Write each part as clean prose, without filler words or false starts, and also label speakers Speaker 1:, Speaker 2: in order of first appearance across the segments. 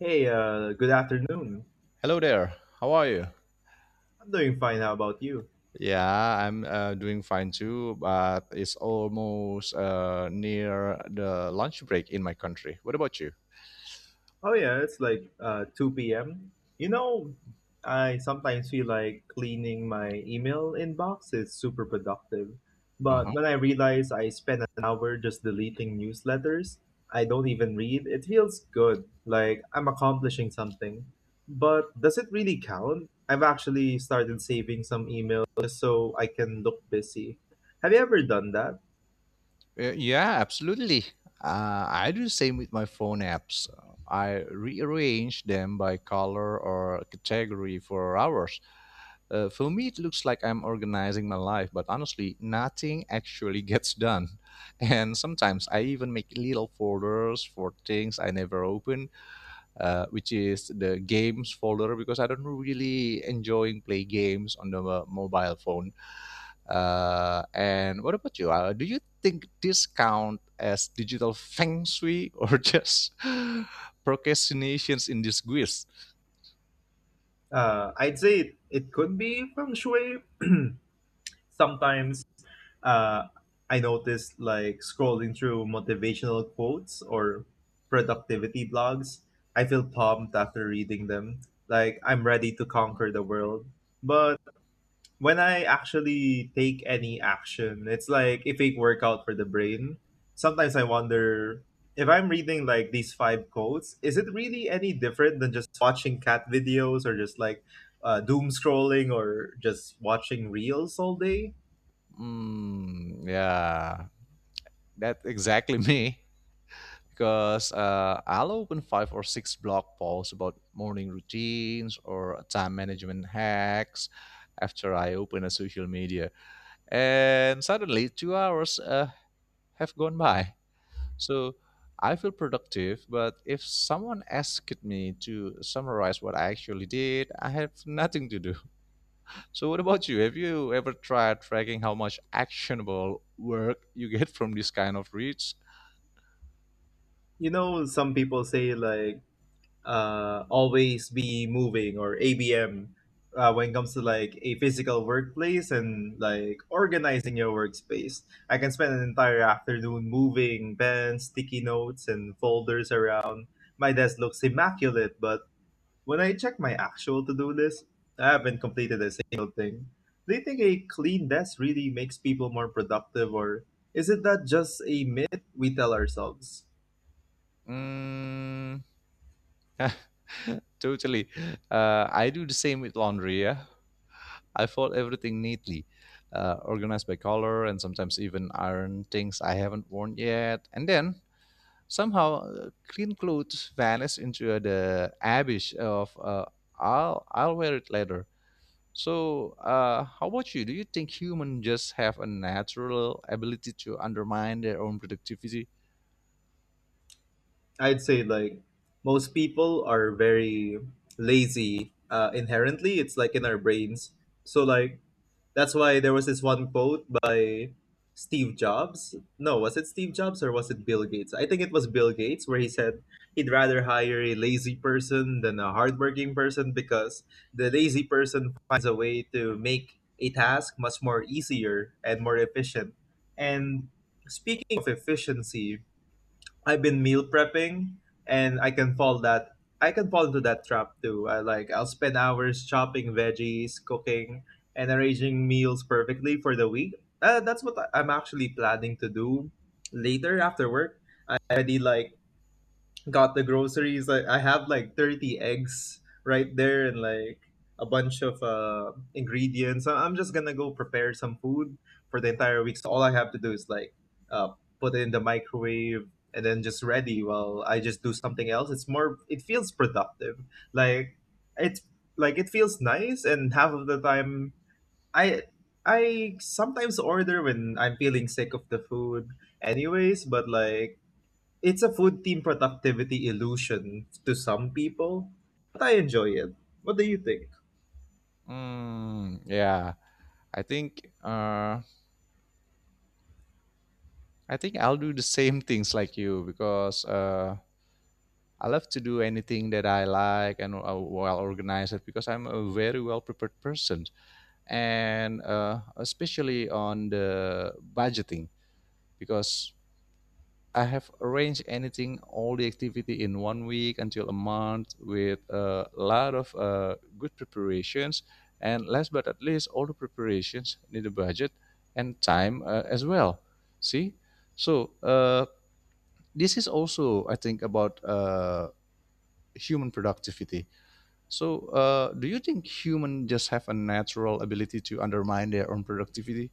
Speaker 1: Hey, good afternoon.
Speaker 2: Hello there. How are you?
Speaker 1: I'm doing fine. How about you?
Speaker 2: Yeah, I'm doing fine too, but it's almost near the lunch break in my country. What about you?
Speaker 1: Oh yeah, it's like 2 p.m. You know, I sometimes feel like cleaning my email inbox is super productive, but
Speaker 2: Uh-huh.
Speaker 1: when I realize I spend an hour just deleting newsletters I don't even read, it feels good, like I'm accomplishing something. But does it really count? I've actually started saving some emails just so I can look busy. Have you ever done that?
Speaker 2: Yeah, absolutely. I do the same with my phone apps. I rearrange them by color or category for hours. For me, it looks like I'm organizing my life, but honestly, nothing actually gets done. And sometimes I even make little folders for things I never open, which is the games folder because I don't really enjoying play games on the mobile phone. And what about you? Do you think this count as digital feng shui or just procrastinations in disguise?
Speaker 1: I'd say it could be feng shui. Sometimes uh, I notice like scrolling through motivational quotes or productivity blogs. I feel pumped after reading them, like I'm ready to conquer the world. But when I actually take any action, it's like a fake workout for the brain. Sometimes I wonder if I'm reading like these five quotes, is it really any different than just watching cat videos or just like doom scrolling or just watching reels all day?
Speaker 2: Mm, yeah, that's exactly me. Because I'll open five or six blog posts about morning routines or time management hacks after I open a social media. And suddenly, 2 hours have gone by. So I feel productive, but if someone asked me to summarize what I actually did, I have nothing to do. So, what about you? Have you ever tried tracking how much actionable work you get from this kind of reads?
Speaker 1: You know, some people say like always be moving or ABM when it comes to like a physical workplace and like organizing your workspace. I can spend an entire afternoon moving pens, sticky notes, and folders around. My desk looks immaculate, but when I check my actual to do list, I haven't completed a single thing. Do you think a clean desk really makes people more productive, or is it that just a myth we tell ourselves?
Speaker 2: Mm, totally. I do the same with laundry. Yeah, I fold everything neatly, organized by color, and sometimes even iron things I haven't worn yet. And then somehow, clean clothes vanish into the abyss of "I'll wear it later." So, how about you? Do you think humans just have a natural ability to undermine their own productivity?
Speaker 1: I'd say like most people are very lazy inherently. It's like in our brains. So like that's why there was this one quote by Steve Jobs. No, was it Steve Jobs or was it Bill Gates? I think it was Bill Gates where he said he'd rather hire a lazy person than a hardworking person because the lazy person finds a way to make a task much more easier and more efficient. And speaking of efficiency, I've been meal prepping and I can fall into that trap too. I'll spend hours chopping veggies, cooking, and arranging meals perfectly for the week. That's what I'm actually planning to do later after work. I already like got the groceries. I have like 30 eggs right there and like a bunch of ingredients. I'm just gonna go prepare some food for the entire week. So all I have to do is like uh, put it in the microwave and then just ready while I just do something else. It feels productive. Like it's it feels nice and half of the time I I sometimes order when I'm feeling sick of the food anyways, but like it's a food team productivity illusion to some people, but I enjoy it. What do you think?
Speaker 2: Mm, yeah, I think uh, I think I'll do the same things like you because I love to do anything that I like and well organized because I'm a very well prepared person. And especially on the budgeting, because I have arranged anything, all the activity in one week until a month with a lot of good preparations. And last but not least, all the preparations need a budget and time as well. See? So, this is also, I think, about human productivity. So, do you think human just have a natural ability to undermine their own productivity?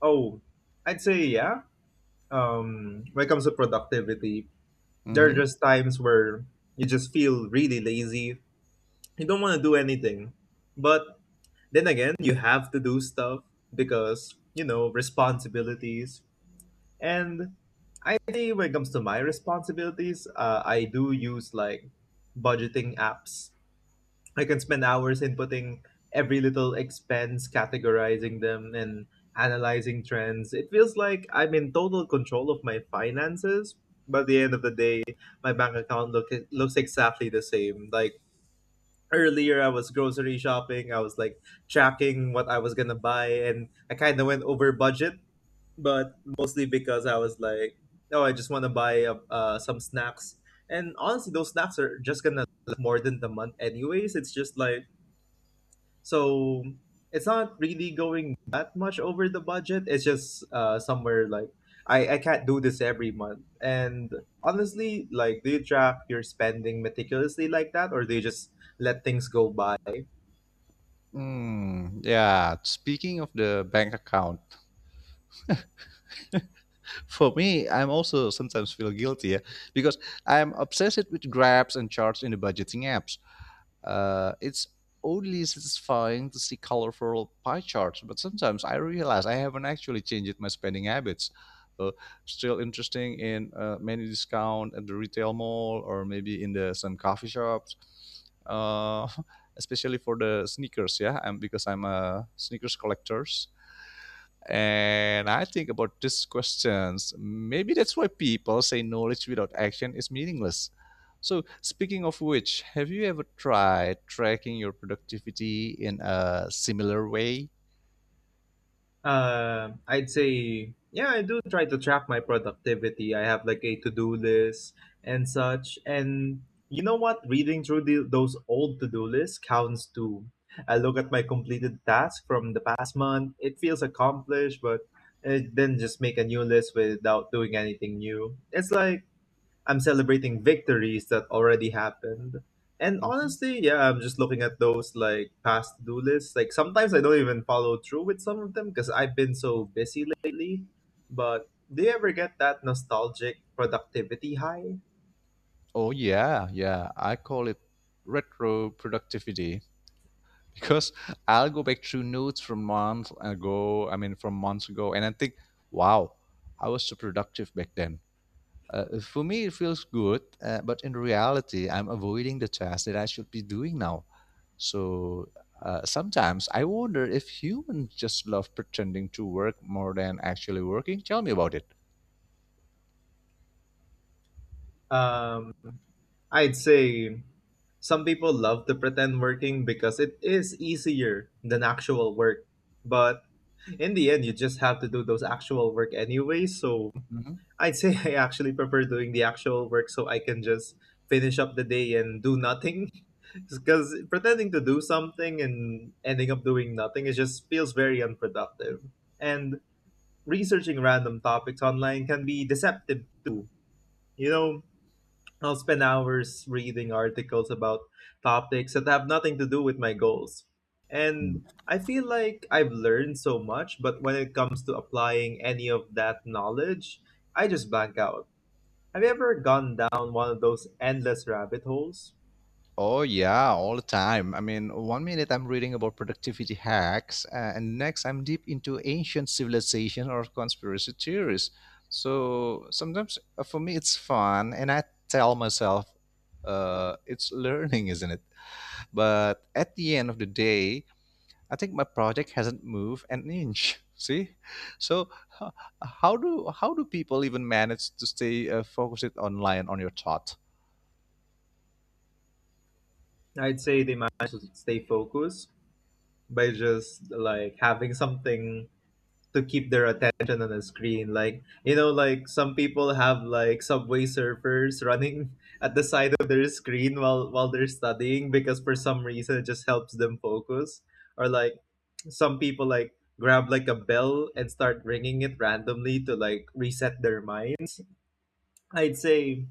Speaker 1: Oh, I'd say yeah. When it comes to productivity, there are
Speaker 2: Mm-hmm.
Speaker 1: just times where you just feel really lazy. You don't want to do anything, but then again, you have to do stuff because you know responsibilities. And I think when it comes to my responsibilities, I do use like budgeting apps. I can spend hours inputting every little expense, categorizing them, and analyzing trends. It feels like I'm in total control of my finances. But at the end of the day, my bank account looks exactly the same. Like earlier, I was grocery shopping, I was like tracking what I was gonna buy, and I kind of went over budget, but mostly because I was like, oh, I just want to buy some snacks. And honestly, those snacks are just gonna last more than the month, anyways. It's just like, so it's not really going that much over the budget. It's just somewhere like I can't do this every month. And honestly, like, do you track your spending meticulously like that, or do you just let things go by?
Speaker 2: Mm, yeah. Speaking of the bank account, for me, I'm also sometimes feel guilty, yeah, because I'm obsessed with grabs and charts in the budgeting apps. It's only satisfying to see colorful pie charts, but sometimes I realize I haven't actually changed my spending habits. So still interesting in many discount at the retail mall or maybe in the some coffee shops. Uh, especially for the sneakers, yeah, and because I'm a sneakers collector. And I think about these questions. Maybe that's why people say knowledge without action is meaningless. So, speaking of which, have you ever tried tracking your productivity in a similar way?
Speaker 1: I'd say, yeah, I do try to track my productivity. I have like a to-do list and such. And you know what? Reading through those old to-do lists counts too. I look at my completed task from the past month. It feels accomplished, but then just make a new list without doing anything new. It's like I'm celebrating victories that already happened. And
Speaker 2: Mhm.
Speaker 1: honestly, yeah, I'm just looking at those like past to do lists. Like sometimes I don't even follow through with some of them because I've been so busy lately. But do you ever get that nostalgic productivity high?
Speaker 2: Oh yeah, yeah. I call it retro productivity. Because I'll go back through notes from months ago. I mean, from months ago, and I think, wow, I was so productive back then. For me, it feels good, but in reality, I'm avoiding the task that I should be doing now. So sometimes I wonder if humans just love pretending to work more than actually working. Tell me about it.
Speaker 1: Um, I'd say some people love to pretend working because it is easier than actual work. But in the end, you just have to do those actual work anyway. So I'd say I actually prefer doing the actual work so I can just finish up the day and do nothing. Because pretending to do something and ending up doing nothing, it just feels very unproductive. And researching random topics online can be deceptive too. You know, I'll spend hours reading articles about topics that have nothing to do with my goals. And
Speaker 2: Mhm.
Speaker 1: I feel like I've learned so much, but when it comes to applying any of that knowledge, I just blank out. Have you ever gone down one of those endless rabbit holes?
Speaker 2: Oh yeah, all the time. I mean, one minute I'm reading about productivity hacks, and next I'm deep into ancient civilization or conspiracy theories. So sometimes for me it's fun, and I tell myself, it's learning, isn't it? But at the end of the day, I think my project hasn't moved an inch. See, so h- how do people even manage to stay focused online on your thought?
Speaker 1: I'd say they manage to stay focused by just like having something to keep their attention on the screen. Like, you know, like some people have like subway surfers running at the side of their screen while they're studying because for some reason it just helps them focus. Or like some people like grab like a bell and start ringing it randomly to like reset their minds. I'd say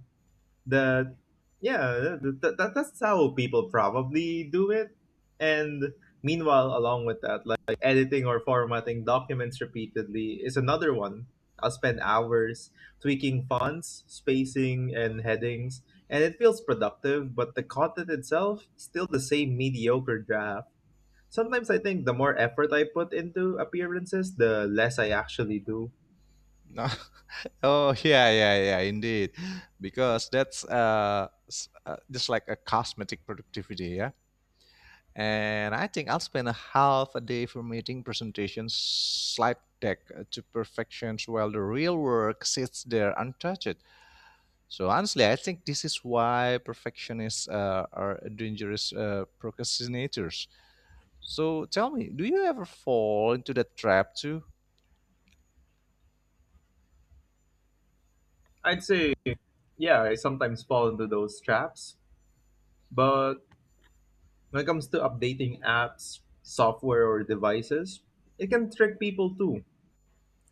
Speaker 1: that yeah that's how people probably do it. And meanwhile along with that, like editing or formatting documents repeatedly is another one. I'll spend hours tweaking fonts, spacing, and headings, and it feels productive, but the content itself still the same mediocre draft. Sometimes I think the more effort I put into appearances the less I actually do.
Speaker 2: No. Oh yeah, yeah, yeah, indeed, because that's just like a cosmetic productivity, yeah. And I think I'll spend a half a day formatting presentations, slide deck to perfections, while the real work sits there untouched. So honestly, I think this is why perfectionists are dangerous procrastinators. So tell me, do you ever fall into that trap too?
Speaker 1: I'd say yeah, I sometimes fall into those traps, but when it comes to updating apps, software, or devices, it can trick people too.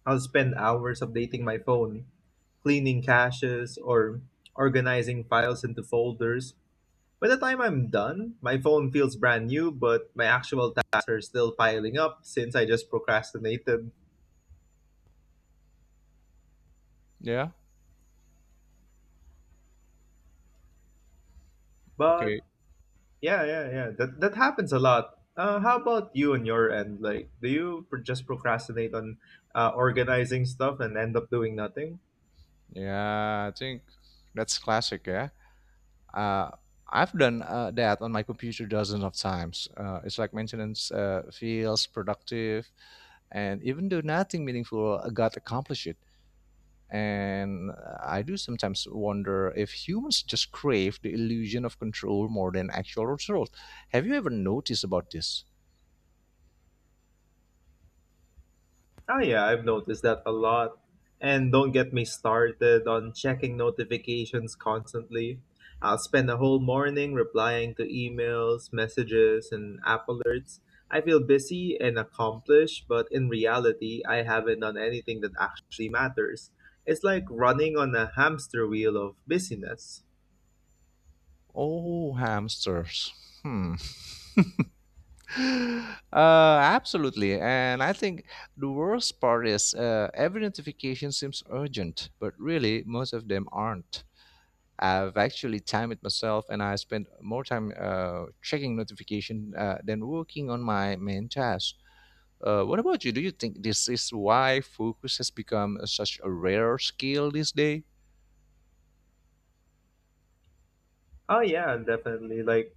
Speaker 1: I'll spend hours updating my phone, cleaning caches, or organizing files into folders. By the time I'm done, my phone feels brand new, but my actual tasks are still piling up since I just procrastinated.
Speaker 2: Yeah. Okay.
Speaker 1: But yeah, that happens a lot. How about you on your end? Like, do you just procrastinate on organizing stuff and end up doing nothing?
Speaker 2: Yeah, I think that's classic. Yeah. Uh, I've done that on my computer dozens of times. It's like maintenance feels productive, and even though nothing meaningful got accomplished, and I do sometimes wonder if humans just crave the illusion of control more than actual results. Have you ever noticed about this?
Speaker 1: Oh yeah, I've noticed that a lot. And don't get me started on checking notifications constantly. I'll spend a whole morning replying to emails, messages, and app alerts. I feel busy and accomplished, but in reality, I haven't done anything that actually matters. It's like running on a hamster wheel of busyness.
Speaker 2: Oh, hamsters. Hmm. uh, Absolutely. And I think the worst part is every notification seems urgent, but really, most of them aren't. I've actually timed it myself, and I spend more time checking notification than working on my main task. What about you? Do you think this is why focus has become such a rare skill these days?
Speaker 1: Oh yeah, definitely. Like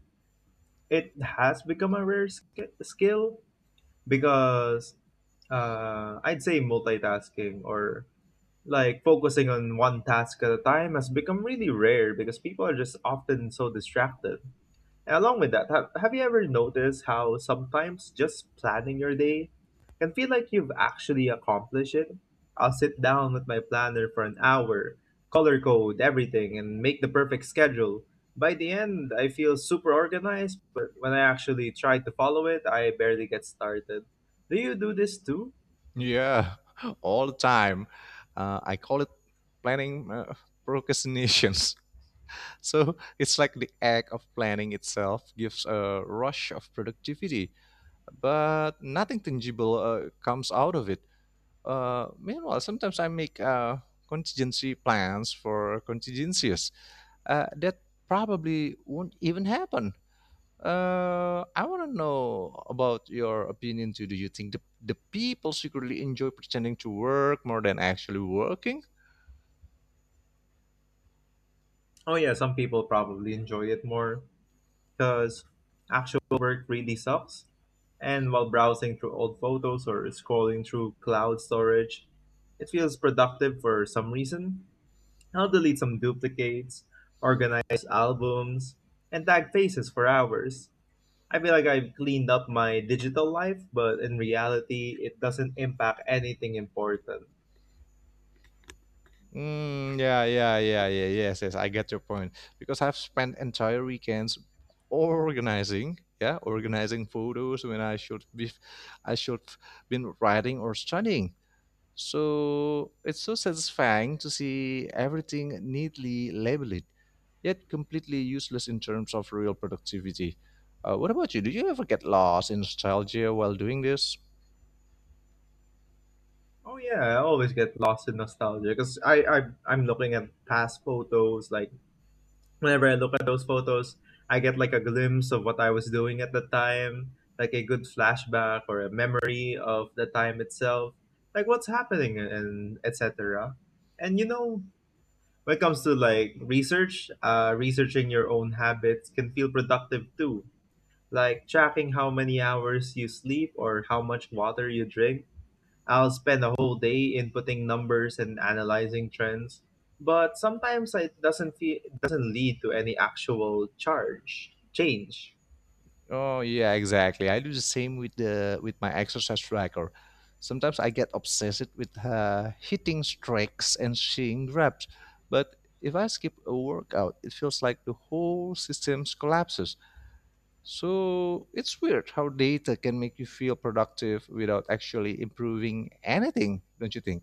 Speaker 1: it has become a rare skill because I'd say multitasking or like focusing on one task at a time has become really rare because people are just often so distracted. And along with that, have you ever noticed how sometimes just planning your day can feel like you've actually accomplished it? I'll sit down with my planner for an hour, color code everything, and make the perfect schedule. By the end, I feel super organized, but when I actually try to follow it, I barely get started. Do you do this too?
Speaker 2: Yeah, all the time. I call it planning procrastinations. So it's like the act of planning itself gives a rush of productivity, but nothing tangible comes out of it. Meanwhile, sometimes I make contingency plans for contingencies that probably won't even happen. I want to know about your opinion too. Do you think the people secretly enjoy pretending to work more than actually working?
Speaker 1: Oh, yeah, some people probably enjoy it more. Because actual work really sucks. And while browsing through old photos or scrolling through cloud storage, it feels productive for some reason. I'll delete some duplicates, organize albums, and tag faces for hours. I feel like I've cleaned up my digital life, but in reality, it doesn't impact anything important.
Speaker 2: Mm, yeah, yeah, yeah, yeah, yes, yes. I get your point because I've spent entire weekends organizing, yeah, organizing photos when I should been writing or studying. So it's so satisfying to see everything neatly labeled, yet completely useless in terms of real productivity. What about you? Do you ever get lost in nostalgia while doing this?
Speaker 1: Oh yeah, I always get lost in nostalgia because I I'm looking at past photos. Like whenever I look at those photos, I get like a glimpse of what I was doing at the time, like a good flashback or a memory of the time itself, like what's happening and etc. And you know, when it comes to like research, researching your own habits can feel productive too. Like tracking how many hours you sleep or how much water you drink. I'll spend a whole day inputting numbers and analyzing trends, but sometimes it doesn't feel, doesn't lead to any actual charge change.
Speaker 2: Oh yeah, exactly. I do the same with my exercise tracker. Sometimes I get obsessed with hitting strikes and seeing reps, but if I skip a workout, it feels like the whole system collapses. So it's weird how data can make you feel productive without actually improving anything, don't you think?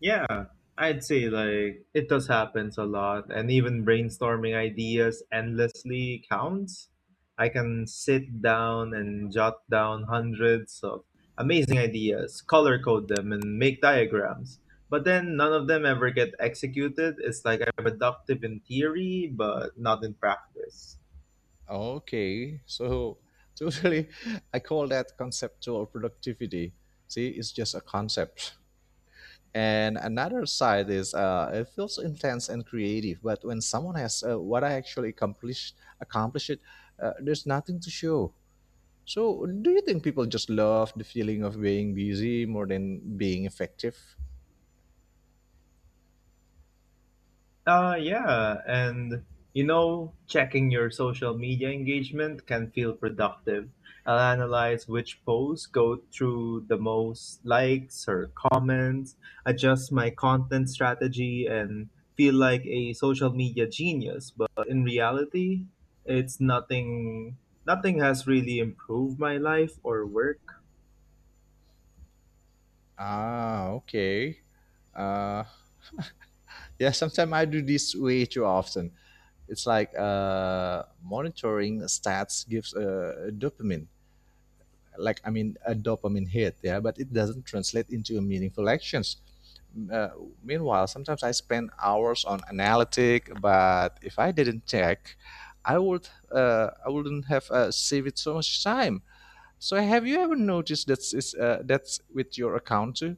Speaker 1: Yeah, I'd say like it does happens a lot, and even brainstorming ideas endlessly counts. I can sit down and jot down hundreds of amazing ideas, color code them, and make diagrams. But then none of them ever get executed. It's like I'm productive in theory, but not in practice.
Speaker 2: Okay, so totally, I call that conceptual productivity. See, it's just a concept. And another side is it feels intense and creative, but when someone has what I actually accomplish it, there's nothing to show. So, do you think people just love the feeling of being busy more than being effective?
Speaker 1: Yeah, and you know, checking your social media engagement can feel productive. I'll analyze which posts go through the most likes or comments, adjust my content strategy, and feel like a social media genius. But in reality, it's nothing, nothing has really improved my life or work.
Speaker 2: Ah, okay. Uh, yeah, sometimes I do this way too often. It's like monitoring stats gives dopamine, like I mean a dopamine hit, yeah, but it doesn't translate into meaningful actions. Uh, Meanwhile, sometimes I spend hours on analytic, but if I didn't check, I wouldn't have saved so much time. So have you ever noticed that's with your account too?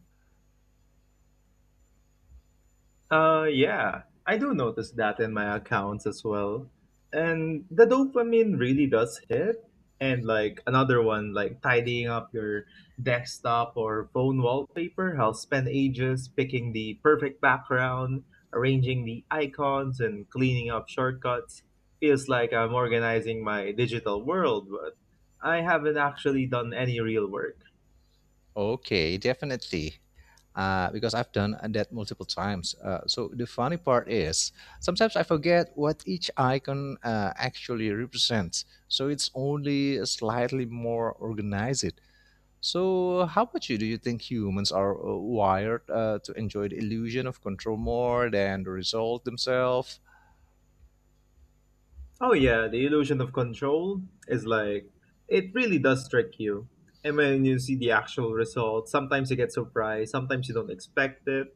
Speaker 1: Yeah, I do notice that in my accounts as well. And the dopamine really does hit. And like another one, like tidying up your desktop or phone wallpaper, I'll spend ages picking the perfect background, arranging the icons, and cleaning up shortcuts. Feels like I'm organizing my digital world, but I haven't actually done any real work.
Speaker 2: Okay, definitely. Because I've done that multiple times. So the funny part is sometimes I forget what each icon actually represents. So it's only slightly more organized. So how about you? Do you think humans are wired to enjoy the illusion of control more than the result themselves?
Speaker 1: Oh yeah, the illusion of control is like it really does trick you. And when you see the actual result, sometimes you get surprised, sometimes you don't expect it.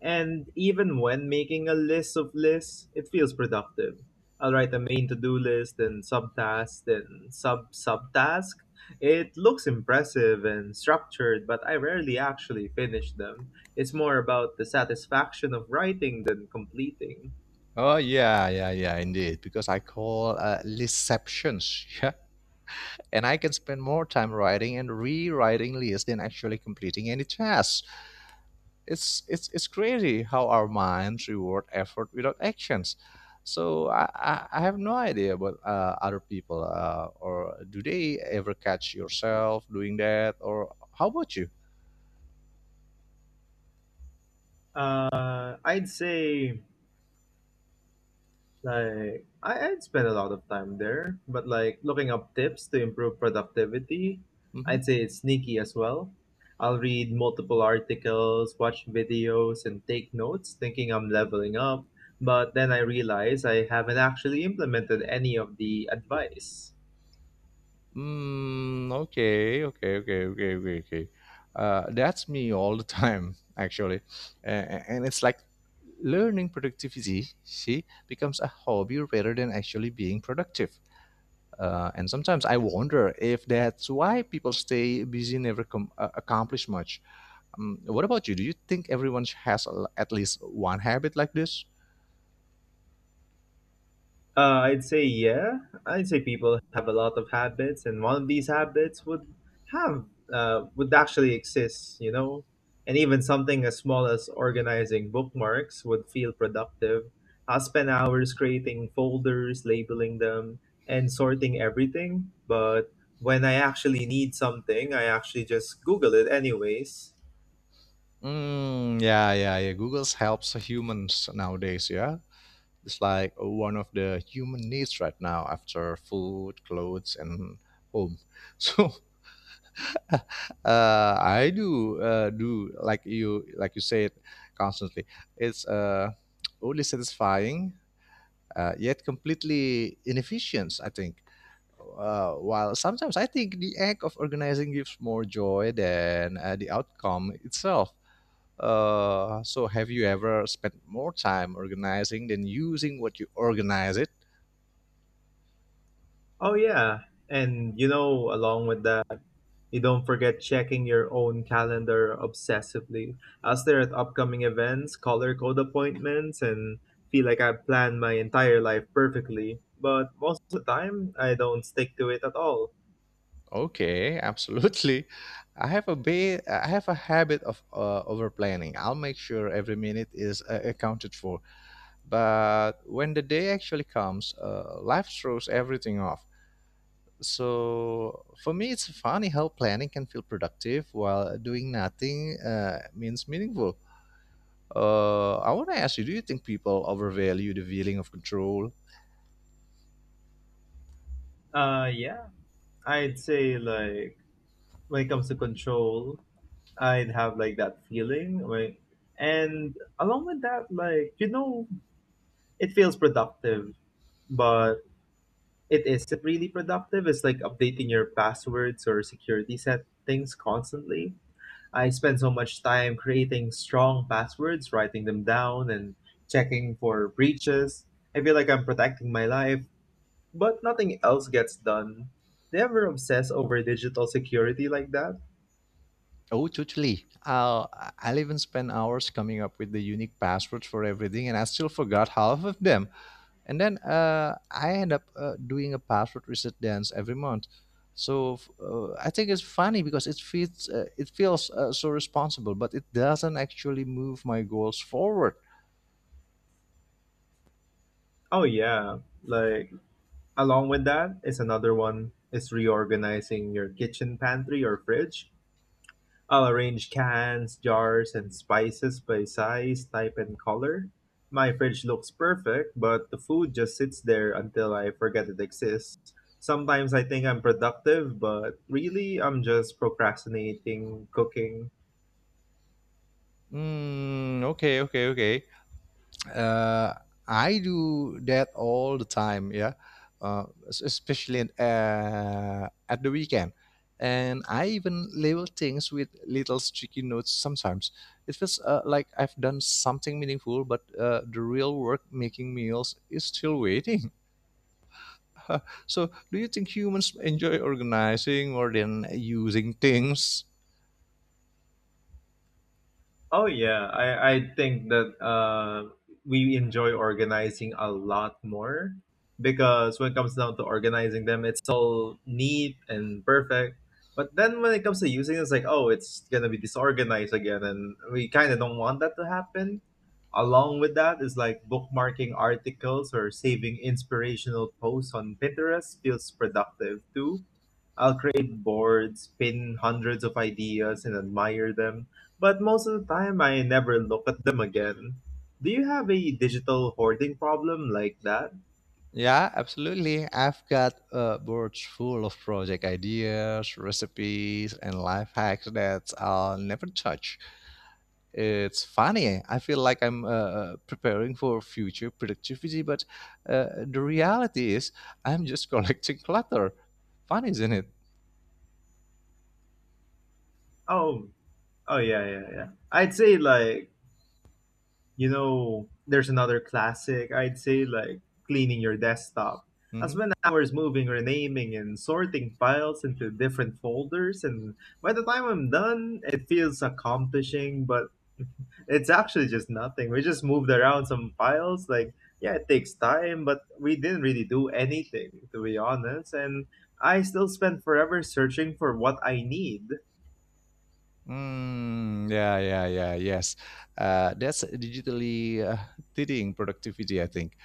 Speaker 1: And even when making a list of lists, it feels productive. I'll write a main to-do list, then subtask, then sub subtask. It looks impressive and structured, but I rarely actually finish them. It's more about the satisfaction of writing than completing.
Speaker 2: Oh yeah, yeah, yeah, indeed. Because I call lisceptions. Yeah, and I can spend more time writing and rewriting lists than actually completing any tasks. It's crazy how our minds reward effort without actions. So I have no idea about other people or do they ever catch yourself doing that or how about you?
Speaker 1: I'd say like I'd spend a lot of time there, but like looking up tips to improve productivity,
Speaker 2: Mm-hmm.
Speaker 1: I'd say it's sneaky as well. I'll read multiple articles, watch videos, and take notes, thinking I'm leveling up, but then I realize I haven't actually implemented any of the advice.
Speaker 2: Mm, okay, okay, okay, okay, okay, okay. That's me all the time, actually. And it's like learning productivity, see, becomes a hobby rather than actually being productive. And sometimes I wonder if that's why people stay busy, never accomplish much. What about you? Do you think everyone has at least one habit like this?
Speaker 1: I'd say yeah. I'd say people have a lot of habits, and one of these habits would have would actually exist, you know. And even something as small as organizing bookmarks would feel productive. I'll spend hours creating folders, labeling them, and sorting everything. But when I actually need something, I actually just Google it anyways.
Speaker 2: Mm, yeah, yeah, yeah. Google's helps humans nowadays, yeah. It's like one of the human needs right now after food, clothes, and home. So I do like you said constantly. It's only satisfying yet completely inefficient. I think. While sometimes I think the act of organizing gives more joy than the outcome itself. So, have you ever spent more time organizing than using what you organize it?
Speaker 1: Oh yeah, and you know, along with that. You don't forget checking your own calendar obsessively. I stare at upcoming events, color code appointments, and feel like I've planned my entire life perfectly. But most of the time, I don't stick to it at all.
Speaker 2: Okay, absolutely. I have a habit of over planning. I'll make sure every minute is accounted for. But when the day actually comes, life throws everything off. So for me, it's funny how planning can feel productive while doing nothing means meaningful. I want to ask you: Do you think people overvalue the feeling of control?
Speaker 1: Yeah, I'd say like when it comes to control, I'd have like that feeling. Like, and along with that, like you know, it feels productive, but it is really productive. It's like updating your passwords or security settings constantly. I spend so much time creating strong passwords, writing them down, and checking for breaches. I feel like I'm protecting my life, but nothing else gets done. Do you ever obsess over digital security like that?
Speaker 2: Oh, totally. I'll even spend hours coming up with the unique passwords for everything, and I still forgot half of them. And then I end up doing a password reset dance every month. So I think it's funny because it feels so responsible, but it doesn't actually move my goals forward.
Speaker 1: Oh, yeah. Like, along with that is another one is reorganizing your kitchen pantry or fridge. I'll arrange cans, jars, and spices by size, type, and color. My fridge looks perfect, but the food just sits there until I forget it exists. Sometimes I think I'm productive, but really I'm just procrastinating cooking.
Speaker 2: Mm, okay, okay, okay. Uh, I do that all the time. Yeah, especially at the weekend, and I even label things with little sticky notes. Sometimes it feels like I've done something meaningful, but the real work making meals is still waiting. So, do you think humans enjoy organizing more than using things?
Speaker 1: Oh yeah, I think that we enjoy organizing a lot more because when it comes down to organizing them, it's all neat and perfect. But then when it comes to using it, it's like, oh, it's gonna be disorganized again, and we kind of don't want that to happen. Along with that is like bookmarking articles or saving inspirational posts on Pinterest feels productive too. I'll create boards, pin hundreds of ideas, and admire them, but most of the time, I never look at them again. Do you have a digital hoarding problem like that?
Speaker 2: Yeah, absolutely. I've got a board full of project ideas, recipes, and life hacks that I'll never touch. It's funny. I feel like I'm preparing for future productivity, but the reality is I'm just collecting clutter. Fun, isn't it?
Speaker 1: Oh, oh yeah, yeah, yeah. I'd say like, you know, there's another classic. I'd say like cleaning your desktop. That's
Speaker 2: Mhm.
Speaker 1: when hours moving, renaming, and sorting files into different folders. And by the time I'm done, it feels accomplishing, but it's actually just nothing. We just moved around some files. Like, yeah, it takes time, but we didn't really do anything, to be honest. And I still spend forever searching for what I need.
Speaker 2: Mm, yeah, yeah, yeah, yes. That's digitally teaching productivity, I think.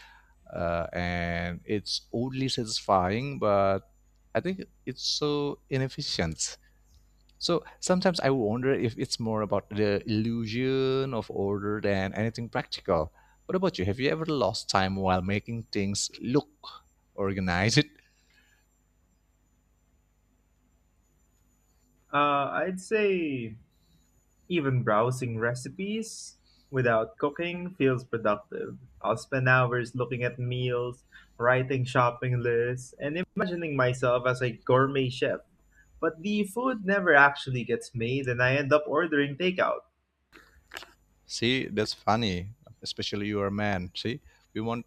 Speaker 2: And it's oddly satisfying, but I think it's so inefficient. So sometimes I wonder if it's more about the illusion of order than anything practical. What about you? Have you ever lost time while making things look organized?
Speaker 1: Uh, I'd say even browsing recipes without cooking feels productive. I'll spend hours looking at meals, writing shopping lists, and imagining myself as a gourmet chef. But the food never actually gets made, and I end up ordering takeout.
Speaker 2: See, that's funny, especially you are a man. See, we want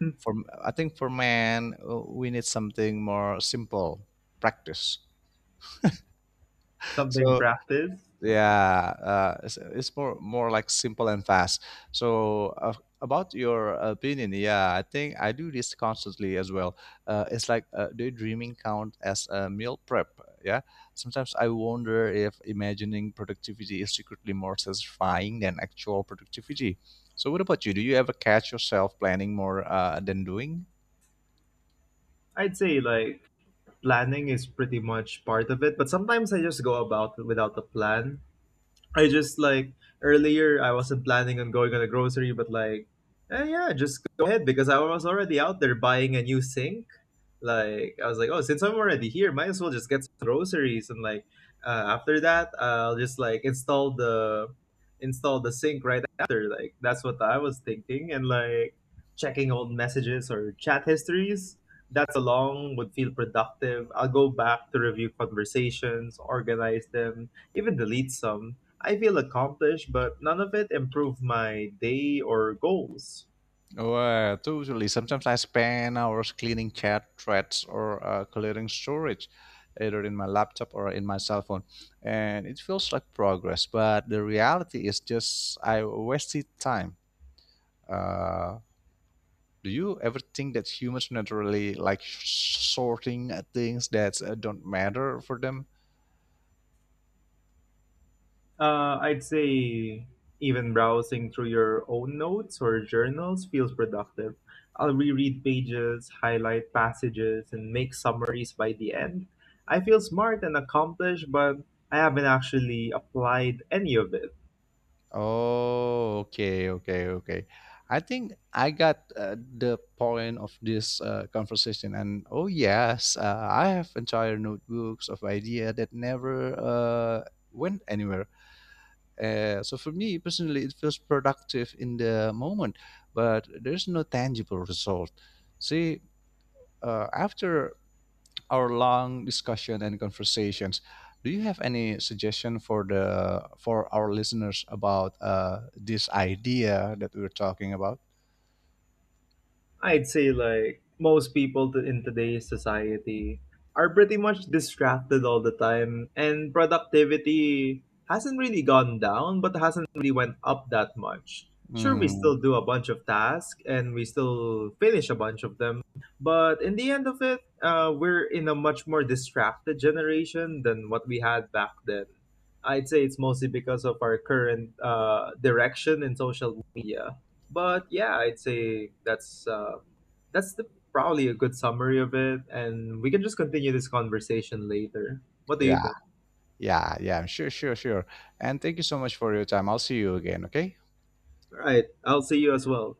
Speaker 2: For I think for men, we need something more simple, practice.
Speaker 1: Something
Speaker 2: So
Speaker 1: practice.
Speaker 2: yeah, it's more like simple and fast. So about your opinion, yeah, I think I do this constantly as well. It's like daydreaming count as a meal prep. Yeah, sometimes I wonder if imagining productivity is secretly more satisfying than actual productivity. So what about you? Do you ever catch yourself planning more than doing?
Speaker 1: I'd say like planning is pretty much part of it, but sometimes I just go about it without a plan. I just like earlier I wasn't planning on going on a grocery, but like, eh, yeah, just go ahead because I was already out there buying a new sink. Like I was like, oh, since I'm already here, might as well just get some groceries. And like after that, I'll just like install the sink right after. Like that's what I was thinking. And like checking old messages or chat histories. That's along would feel productive. I'll go back to review conversations, organize them, even delete some. I feel accomplished, but none of it improved my day or goals.
Speaker 2: Well, totally. Sometimes I spend hours cleaning chat threads or clearing storage, either in my laptop or in my cell phone, and it feels like progress. But the reality is just I wasted time. Uh, do you ever think that humans naturally like sorting things that don't matter for them?
Speaker 1: I'd say even browsing through your own notes or journals feels productive. I'll reread pages, highlight passages, and make summaries by the end. I feel smart and accomplished, but I haven't actually applied any of it.
Speaker 2: Oh, okay, okay, okay. I think I got the point of this conversation. And oh yes, I have entire notebooks of idea that never went anywhere. So for me personally, it feels productive in the moment, but there's no tangible result. See, after our long discussion and conversations. Do you have any suggestion for our listeners about this idea that we are talking about?
Speaker 1: I'd say like most people to- in today's society are pretty much distracted all the time, and productivity hasn't really gone down but hasn't really went up that much. Sure, we
Speaker 2: Hmm.
Speaker 1: still do a bunch of tasks and we still finish a bunch of them, but in the end of it, we're in a much more distracted generation than what we had back then. I'd say it's mostly because of our current direction in social media. But yeah, I'd say that's the probably a good summary of it, and we can just continue this conversation later. What do you
Speaker 2: Yeah.
Speaker 1: think?
Speaker 2: Yeah, yeah, sure, sure, sure. And thank you so much for your time. I'll see you again, okay?
Speaker 1: All right, I'll see you as well.